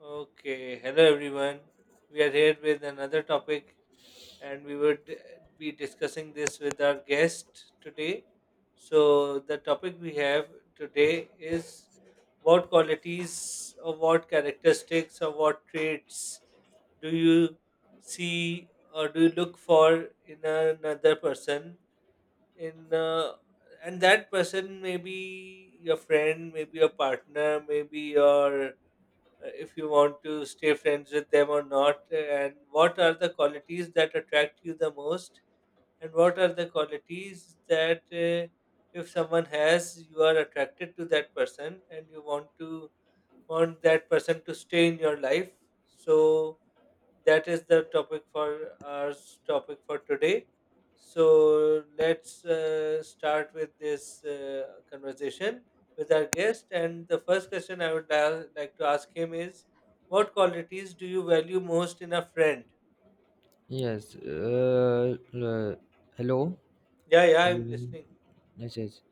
Okay, hello everyone. We are here with another topic, and we would be discussing this with our guest today. So, the topic we have today is what qualities or what characteristics or what traits do you see or do you look for in another person? In And that person may be your friend, maybe your partner, maybe your if you want to stay friends with them or not, and what are the qualities that attract you the most, and what are the qualities that if someone has, you are attracted to that person and you want to want that person to stay in your life. So that is the topic for our topic for today. So let's start with this conversation with our guest. And the first question I would like to ask him is, what qualities do you value most in a friend? Yes. Uh, uh, Hello, Yeah, yeah, I'm everyone. listening. Yes,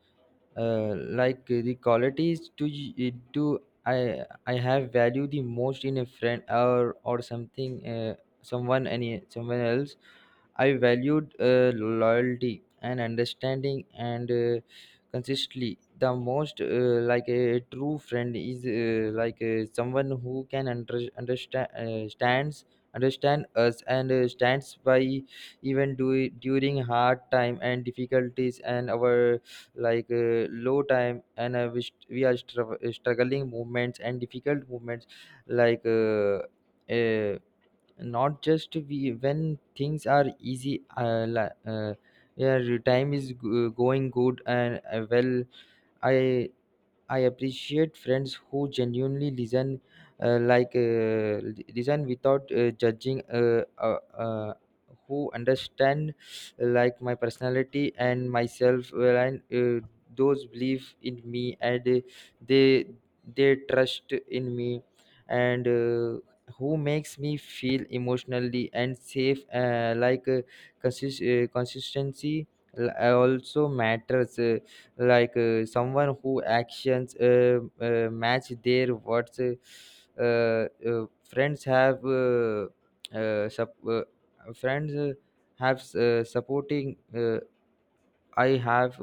like the qualities to y- to I have value the most in a friend or something, someone, any someone else. I valued loyalty and understanding and consistently the most. Like a true friend is, someone who can understand, stands understand us and stands by even do during hard time and difficulties and our, low time and struggling movements and difficult movements, like uh, uh, not just we when things are easy, yeah, your time is going good and well. i I appreciate friends who genuinely listen, listen without judging, who understand, like, my personality and myself well, and those believe in me and they they trust in me, and who makes me feel emotionally and safe, consistency also matters. Someone who actions match their words. Friends have uh, sup- uh, friends uh, supporting. I have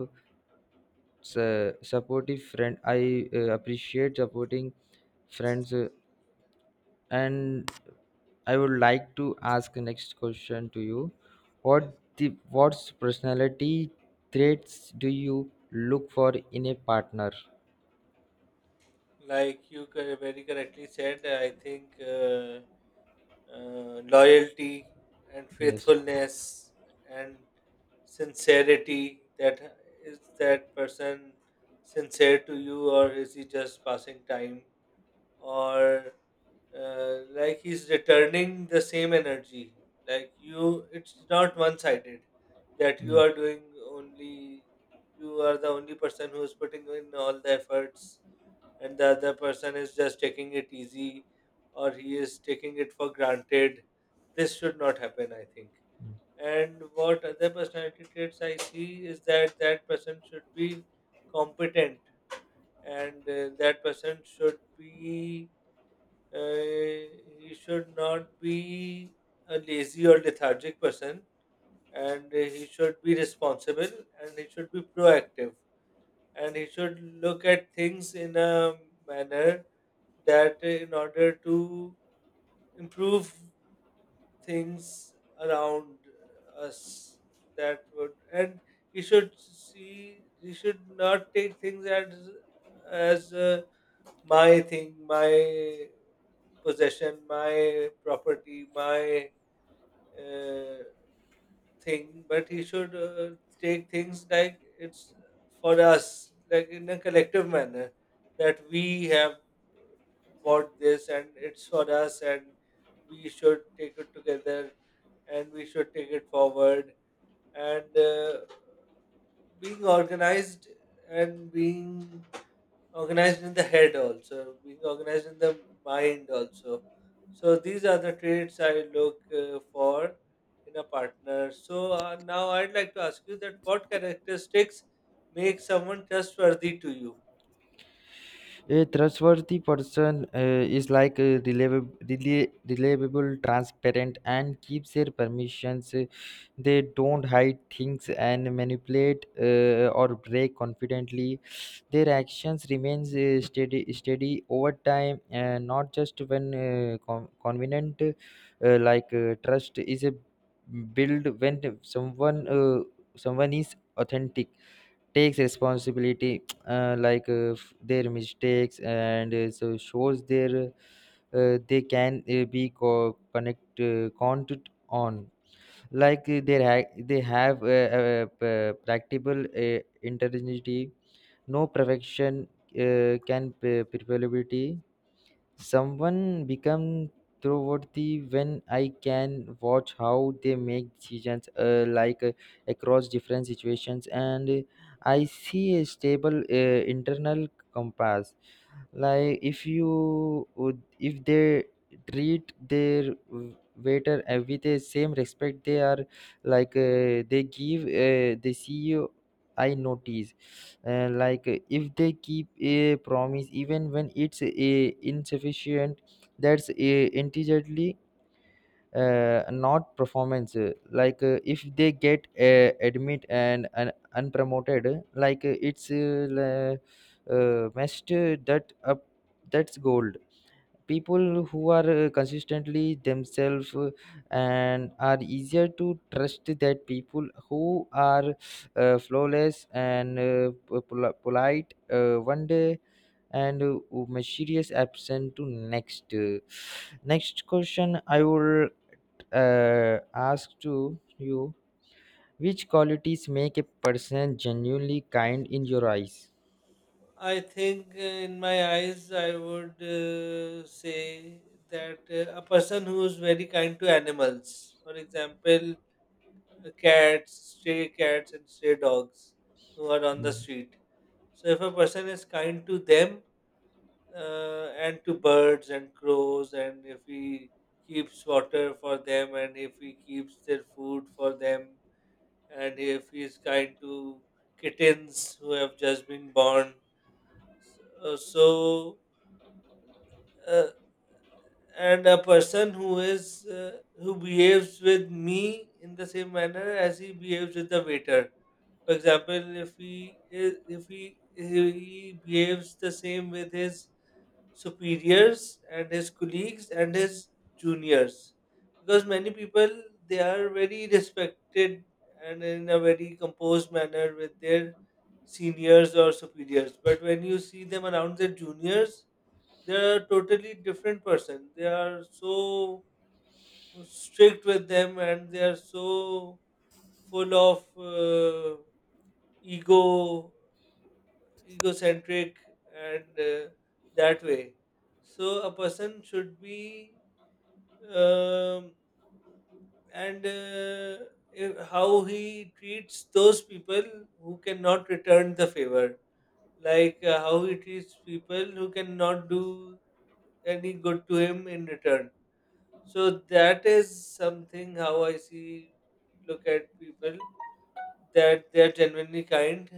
Supportive friend, I appreciate supporting friends. And I would like to ask the next question to you: Yes, what's personality traits do you look for in a partner? like you very correctly said, I think. Loyalty and Yes. faithfulness and sincerity. That is that person sincere to you, or is he just passing time, or like he's returning the same energy, like, you, it's not one sided, that you Yes. are doing only, you are the only person who is putting in all the efforts and the other person is just taking it easy or he is taking it for granted. This should not happen, I think. And what other personality traits I see is that that person should be competent, and that person should be uh, he should not be a lazy or lethargic person, and he should be responsible and he should be proactive, and he should look at things in a manner that in order to improve things around us. That would, and he should see, he should not take things as as uh, my thing, my possession, my property, my uh, thing, but he should take things like it's for us, like in a collective manner, that we have bought this and it's for us, and we should take it together and we should take it forward. And being organized and being organized in the head, also being organized in the mind also. So these are the traits I look for in a partner. So now I'd like to ask you that what characteristics make someone trustworthy to you? A trustworthy person is like a reliable, reliable, transparent, and keeps their permissions. They don't hide things and manipulate, or break confidently. Their actions remains steady, steady over time, not just when convenient. Trust is a build when someone is authentic, takes responsibility their mistakes, and so shows their, they can be co- connect counted on. They have practical uh, intelligence, no perfection, prevailability. Someone become worthy when I can watch how they make decisions, across different situations, and I see a stable internal compass. Like if you would if they treat their waiter with the same respect they are, they give the ceo. I notice, if they keep a promise even when it's insufficient, that's intelligently, not performance. If they get admit and unpromoted, messed that up, that's gold. People who are consistently themselves and are easier to trust that people who are flawless and polite one day, and mysterious absent to next. Next question I will ask to you: which qualities make a person genuinely kind in your eyes? I think in my eyes, I would say that a person who is very kind to animals, for example, cats, stray cats, and stray dogs who are on the Hmm. street. So if a person is kind to them and to birds and crows, and if he keeps water for them, and if he keeps their food for them, and if he is kind to kittens who have just been born, uh, so uh, and a person who is who behaves with me in the same manner as he behaves with the waiter. For example, if he is, if he behaves the same with his superiors and his colleagues and his juniors, because many people, they are very respected and in a very composed manner with their seniors or superiors. But when you see them around their juniors, they are a totally different person. They are so strict with them and they are so full of ego, egocentric, and that way. So a person should be um, and if- how he treats those people who cannot return the favor, like, how he treats people who cannot do any good to him in return. So that is something how I see, look at people, that they are genuinely kind,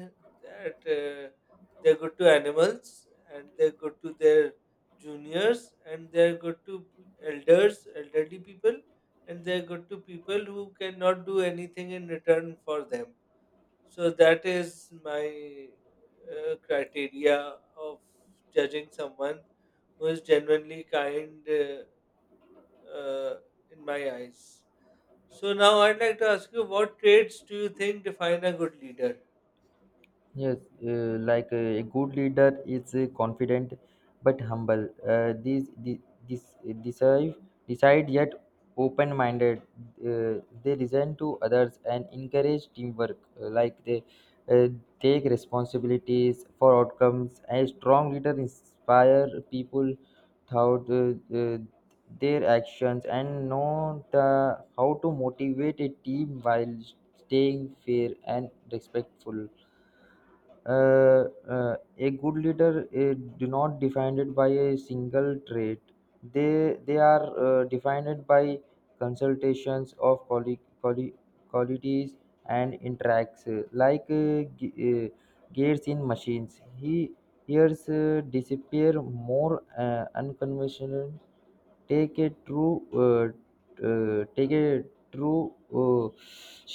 that they're good to animals and they're good to their juniors and they're good to elders, elderly people, and they're good to people who cannot do anything in return for them. So that is my criteria of judging someone who is genuinely kind uh, in my eyes. So now I'd like to ask you, what traits do you think define a good leader? Yes, a good leader is confident but humble. These the, this decide Decide yet open-minded. They listen to others and encourage teamwork. Like they uh, Take responsibilities for outcomes. A strong leader inspire people throughout their actions and know the how to motivate a team while staying fair and respectful. uh, a good leader do not defined by a single trait. They are defined by consultations of qualities and interacts, gears in machines. He hears disappear more unconventional, take a true, uh, take a true uh,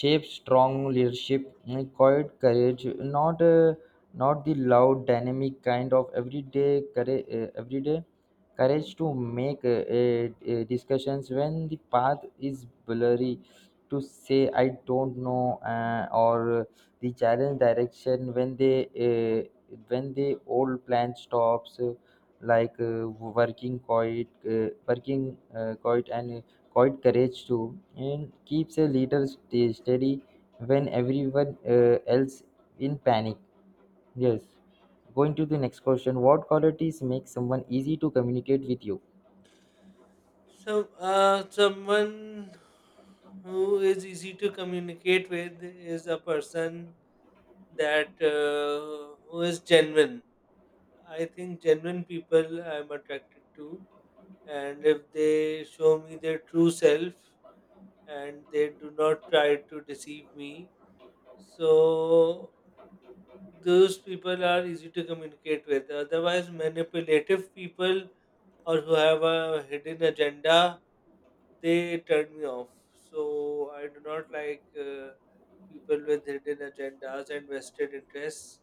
shape. Strong leadership and quiet courage, not not the loud dynamic kind, of everyday courage to make discussions when the path is blurry, to say I don't know, or the challenge direction when they, when the old plan stops, working quite, and quite courage too, and keeps a leader steady when everyone else in panic. Yes, going to the next question: what qualities make someone easy to communicate with you? So, someone who is easy to communicate with is a person that who is genuine. I think genuine people I'm attracted to, and if they show me their true self and they do not try to deceive me, so those people are easy to communicate with. Otherwise, manipulative people or who have a hidden agenda, they turn me off. So I do not like people with hidden agendas and vested interests.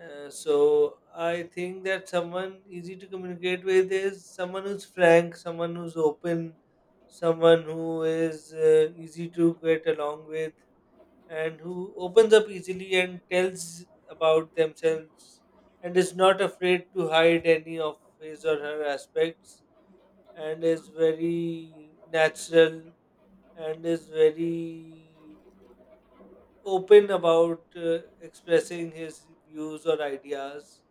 So I think that someone easy to communicate with is someone who's frank, someone who's open, someone who is easy to get along with, and who opens up easily and tells about themselves and is not afraid to hide any of his or her aspects, and is very natural and is very open about expressing his views or ideas,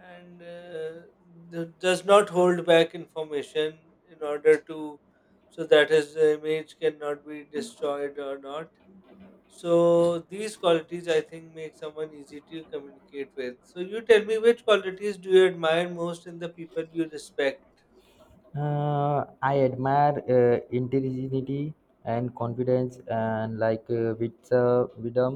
and does not hold back information in order to, so that his image cannot be destroyed or not. So these qualities, I think, make someone easy to communicate with. So you tell me, which qualities do you admire most in the people you respect? I admire intelligence and confidence, and with wisdom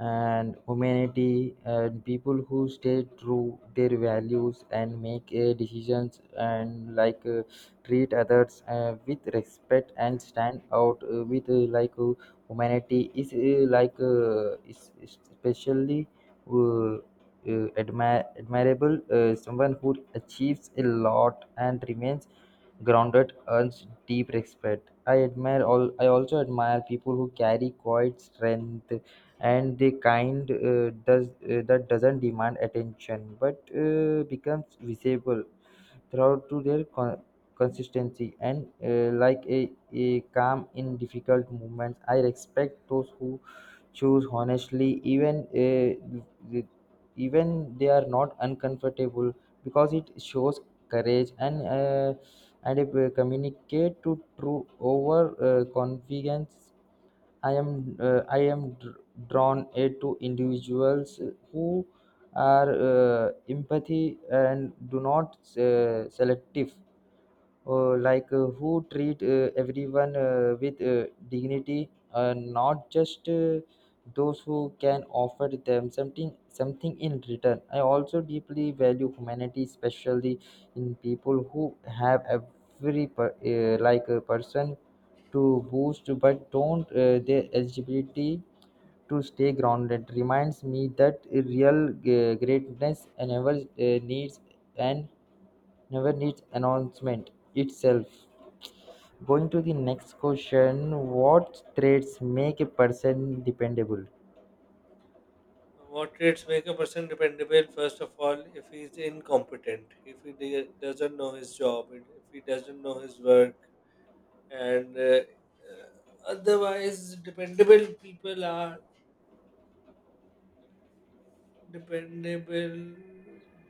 and humanity, and people who stay true their values and make decisions, and treat others with respect and stand out, with like humanity is, is, especially uh, admirable. Someone who achieves a lot and remains grounded earns deep respect. I admire all. I also admire people who carry quiet strength and the kind, does that doesn't demand attention but becomes visible throughout to their consistency and, a calm in difficult moments. I respect those who choose honestly, even with- even they are not uncomfortable, because it shows courage and, and it will communicate to true over confidence. I am drawn to individuals who are empathy and do not selective, who treat everyone with dignity, not just those who can offer them something in return. I also deeply value humanity, especially in people who have every per, like a person to boost but don't their eligibility to stay grounded. Reminds me that real greatness never needs, and never needs announcement itself. Going to the next question: what traits make a person dependable? What traits make a person dependable? First of all, if he is incompetent, if he doesn't know his job, and if he doesn't know his work, and uh, otherwise, dependable people are dependable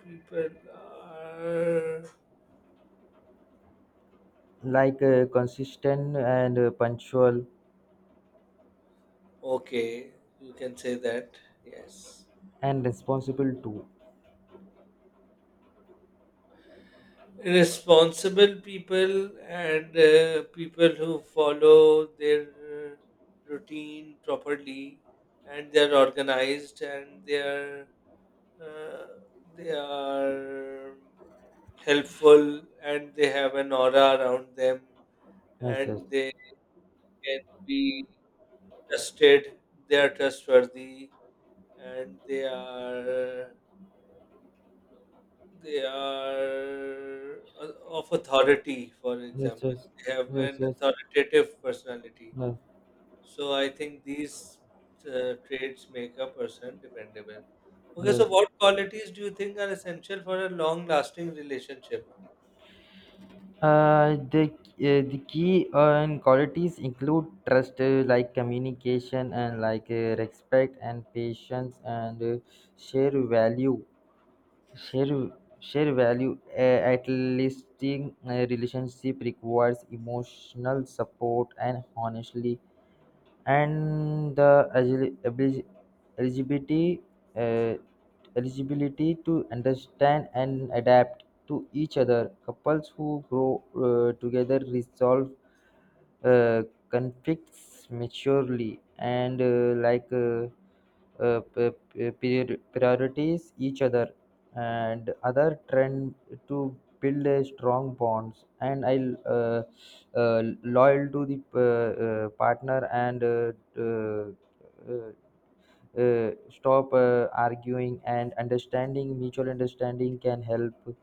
people are Consistent and punctual, okay. You can say that, yes. and responsible too. Responsible people, and people who follow their uh, routine properly, and they are organized and uh, they are helpful and they have an aura around them, Yes, and yes. they can be trusted, they are trustworthy, and they are of authority, for Yes, example. yes. They have Yes, an yes. authoritative personality. Yes, So I think these traits make a person dependable. Okay, yes. so what qualities do you think are essential for a long lasting relationship? The the key and qualities include trust, communication, and respect and patience, and share value, share share value. At least in, relationship requires emotional support and honestly, and the eligibility, uh, eligibility to understand and adapt to each other. Couples who grow together resolve uh, conflicts maturely, and priorities each other and other trend to build a strong bonds, and I uh, uh, loyal to the partner, and uh, uh, uh, stop arguing, and understanding, mutual understanding can help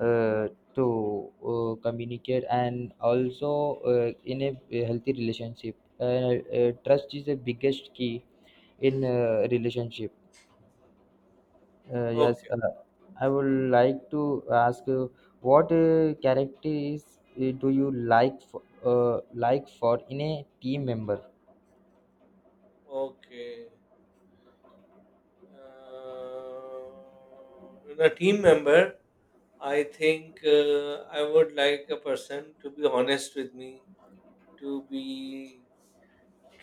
uh, to communicate, and also in a healthy relationship, trust is the biggest key in relationship. uh, yes Okay, uh, i would like to ask you: what characteristics do you like for in a team member? okay. In a team member, I think I would like a person to be honest with me, to be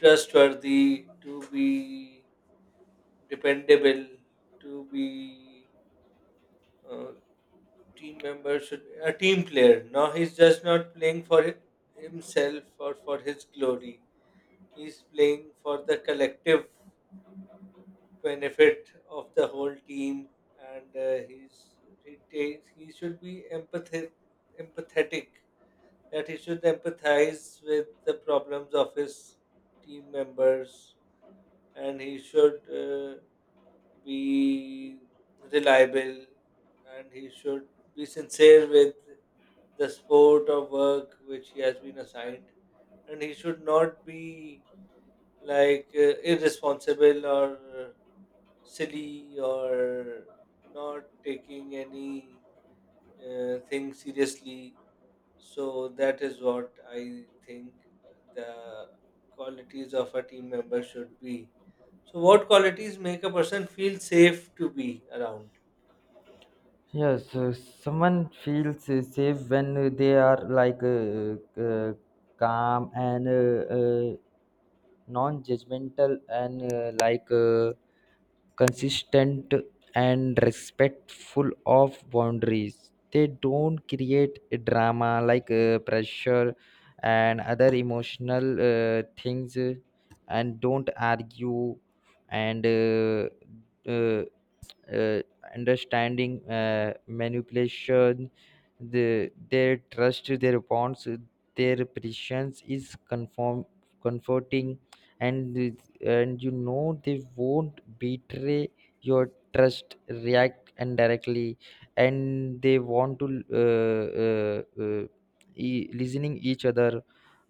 trustworthy, to be dependable, to be uh, team member, should a team player. Now he's just not playing for himself or for his glory. He's playing for the collective benefit of the whole team, and he's he takes, he should be empathetic, empathetic, that he should empathize with the problems of his team members, and he should be reliable, and he should be sincere with the sport or work which he has been assigned, and he should not be like irresponsible or uh, silly or not taking any thing seriously. So that is what I think the qualities of a team member should be. So what qualities make a person feel safe to be around? Yes, someone feels safe when they are, uh, calm and, non-judgmental, and consistent and respectful of boundaries. They don't create a drama, pressure and other emotional things, and don't argue, and uh, uh, understanding, manipulation, the their trust, their bonds, their patience is conform comforting, and and you know, they won't betray your trust, react indirectly, and they want to, uh, uh, uh, listening each other,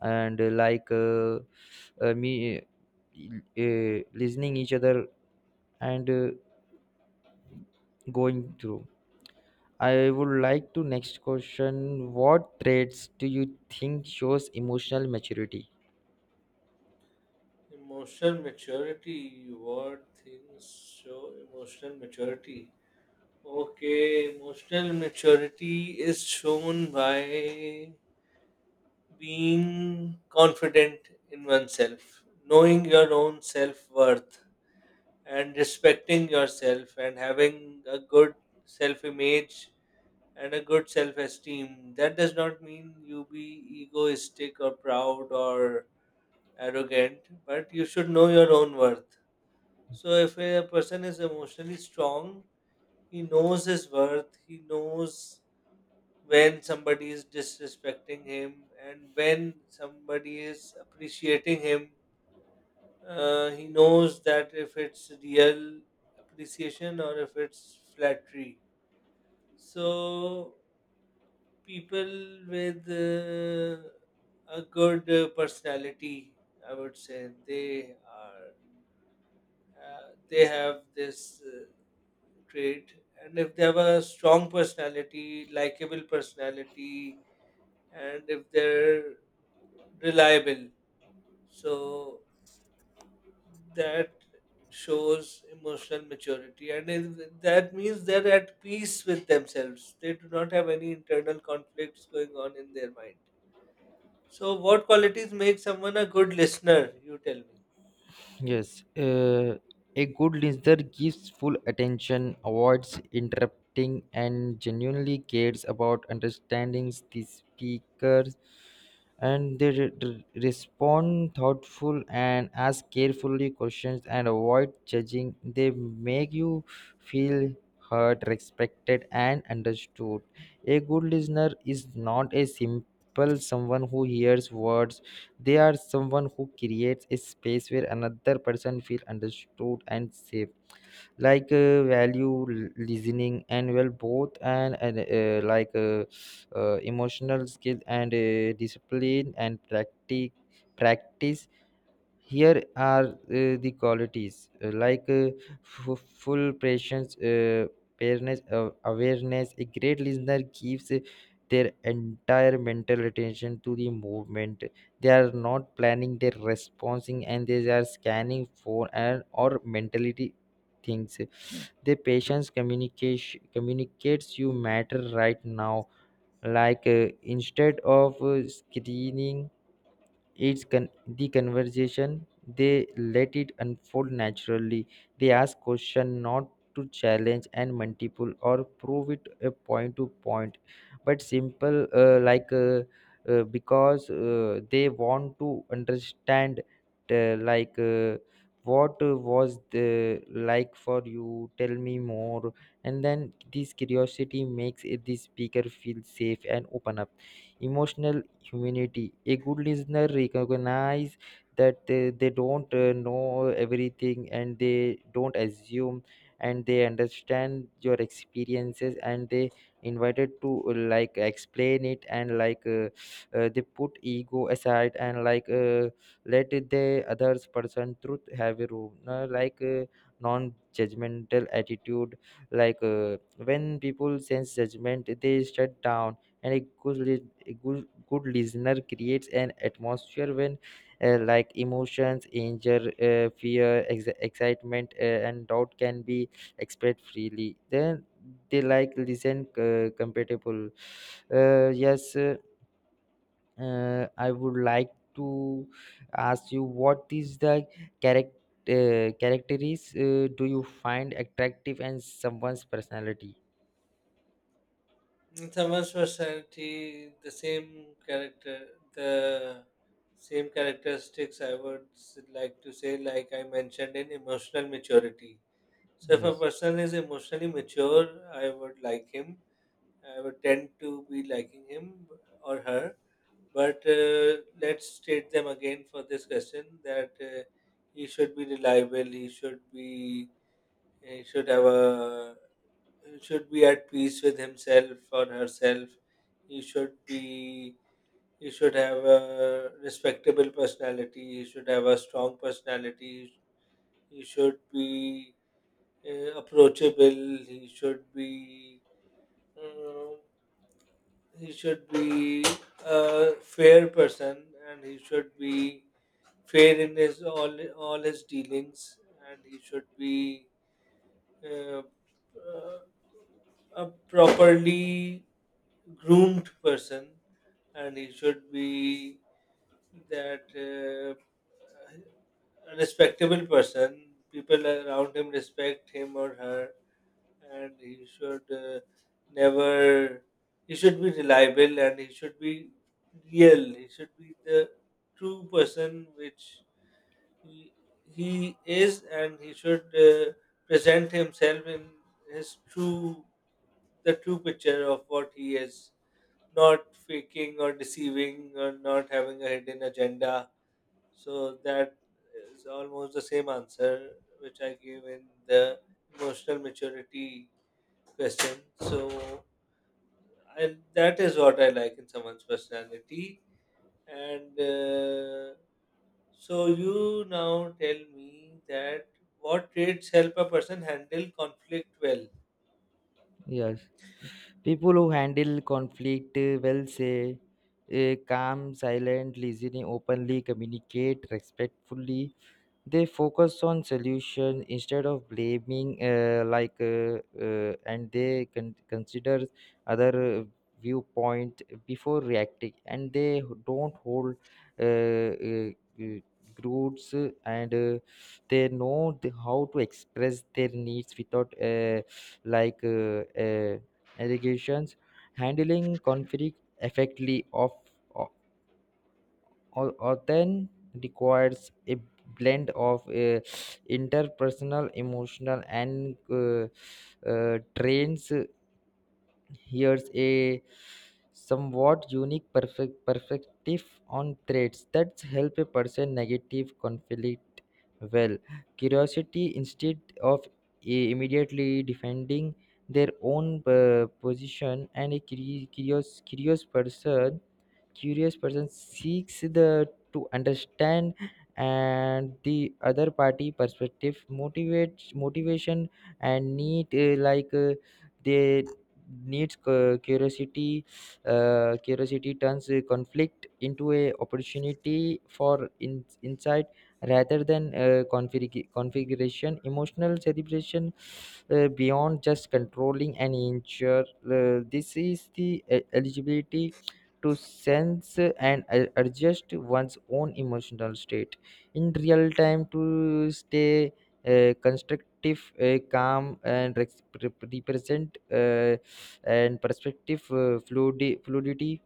and like me listening each other, and going through. I would like to next question: what traits do you think shows emotional maturity? Emotional maturity. What things show emotional maturity? Okay, emotional maturity is shown by being confident in oneself, knowing your own self worth, and respecting yourself, and having a good self image and a good self esteem. That does not mean you be egoistic or proud or arrogant, but you should know your own worth. So if a person is emotionally strong, he knows his worth, he knows when somebody is disrespecting him and when somebody is appreciating him. He knows that if it's real appreciation or if it's flattery. So people with a good personality, I would say, they are they have this. Trait. And if they have a strong personality, likable personality, and if they're reliable, so that shows emotional maturity. And that means they're at peace with themselves, they do not have any internal conflicts going on in their mind. So what qualities make someone a good listener? You tell me. Yes, a good listener gives full attention, avoids interrupting, and genuinely cares about understanding the speakers. And they respond thoughtful and ask carefully questions and avoid judging. They make you feel heard, respected, and understood. A good listener is not a simple someone who hears words. They are someone who creates a space where another person feels understood and safe. Value listening and well both, and emotional skill and discipline and practice. Here are the qualities, full patience, awareness. A great listener gives their entire mental attention to the movement. They are not planning their responding, and they are scanning for and or mentality things. The patience communication communicates you matter right now. Instead of screening, it's con- the conversation, they let it unfold naturally. They ask question not to challenge and multiple or prove it a point to point, but simple, because they want to understand, uh, like uh, what was the like, for you, tell me more. And then this curiosity makes it the speaker feel safe and open up emotional humanity. A good listener recognize that they don't know everything, and they don't assume, and they understand your experiences, and they invited to, like, explain it, and they put ego aside, and let the others person truth have a room, non-judgmental attitude. When people sense judgment, they shut down, and a good listener creates an atmosphere when, like emotions, anger, fear, excitement, and doubt can be expressed freely, then they like listen compatible. Uh, yes uh, uh, i would like to ask you: what is the character, characteristics do you find attractive in someone's personality? Thamas personality, the same character, the same characteristics I would like to say, like I mentioned in emotional maturity. So, if a Yes, person is emotionally mature, I would like him. I would tend to be liking him or her. But let's state them again for this question that he should be reliable, he should be, he should have a, should be at peace with himself or herself. He should be he should have a respectable personality. He should have a strong personality. He should be approachable. Um, he should be a fair person, and he should be fair in his all his dealings, and he should be uh, uh, a properly groomed person, and he should be that a respectable person, people around him respect him or her, and he should never, he should be reliable and he should be real, he should be the true person which he, he is, and he should present himself in his true, the true picture of what he is, not faking or deceiving or not having a hidden agenda. So that is almost the same answer which I gave in the emotional maturity question. So and that is what I like in someone's personality. And so you now tell me that what traits help a person handle conflict well? yes. People who handle conflict well say calm, silent, listening, openly, communicate respectfully. They focus on solution instead of blaming, and they consider other viewpoint before reacting, and they don't hold uh, uh, uh, groups, and they know the, how to express their needs without like uh, uh, allegations. Handling conflict effectively of Authent requires a blend of interpersonal, emotional, and trains. Here's a somewhat unique perfect perspective on traits that help a person negative conflict well. Curiosity instead of immediately defending their own position, and a curious person, seeks the to understand, and the other party perspective motivates motivation and need. They needs curiosity. Curiosity turns a conflict into a opportunity for in, insight rather than configuration emotional celebration, beyond just controlling and ensure. This is the eligibility to sense and adjust one's own emotional state in real time to stay constructive, calm, and represent, and perspective fluidity.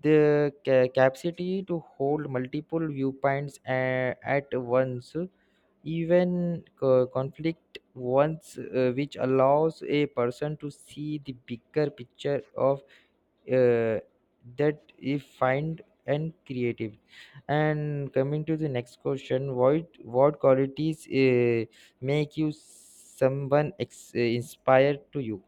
The capacity to hold multiple viewpoints at once, even conflict once, which allows a person to see the bigger picture of uh, that he find and creative. And coming to the next question: what qualities make you someone inspired to you?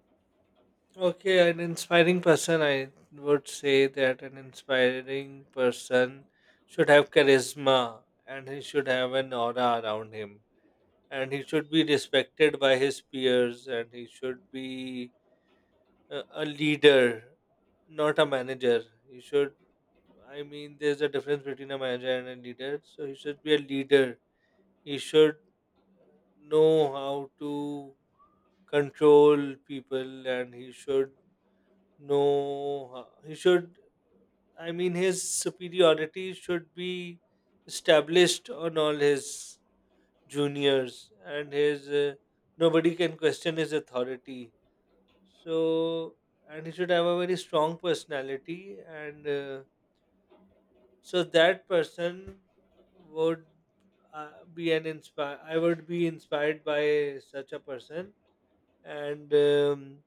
Okay, an inspiring person, I would say that an inspiring person should have charisma and he should have an aura around him. And he should be respected by his peers and he should be a leader, not a manager. He should, I mean, there's a difference between a manager and a leader. So he should be a leader. He should know how to control people, and he should know, he should, I mean, his superiority should be established on all his juniors, and his nobody can question his authority. So, and he should have a very strong personality, and so that person would be an inspire. I would be inspired by such a person, and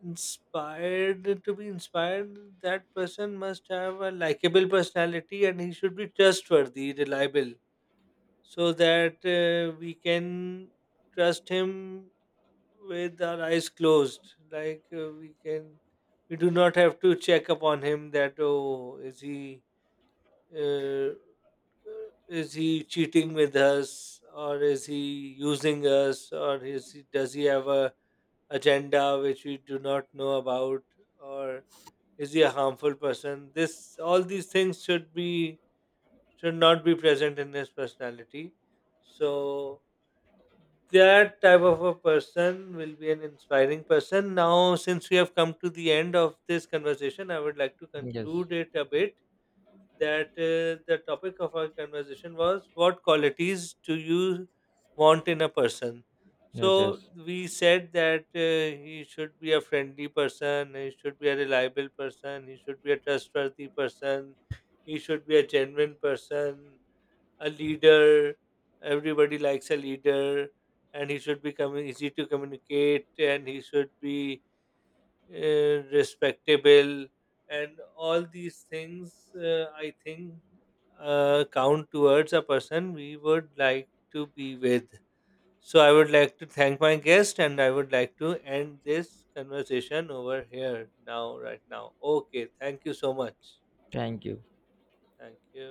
inspired to be inspired, that person must have a likable personality, and he should be trustworthy, reliable, so that we can trust him with our eyes closed. Like, we can, we do not have to check upon him that, oh, uh, is he cheating with us, or is he using us, or is he, does he have a agenda which we do not know about, or is he a harmful person? This, all these things should be, should not be present in his personality. So that type of a person will be an inspiring person. Now, since we have come to the end of this conversation, I would like to Yes, conclude it a bit, that the topic of our conversation was, what qualities do you want in a person? yes, So yes, we said that he should be a friendly person, he should be a reliable person, he should be a trustworthy person, he should be a genuine person, a leader. Everybody likes a leader, and he should be easy to communicate, and he should be respectable, and all these things, I think, count towards a person we would like to be with. So I would like to thank my guest, and I would like to end this conversation over here now, right now. Okay, thank you so much. thank you. Thank you.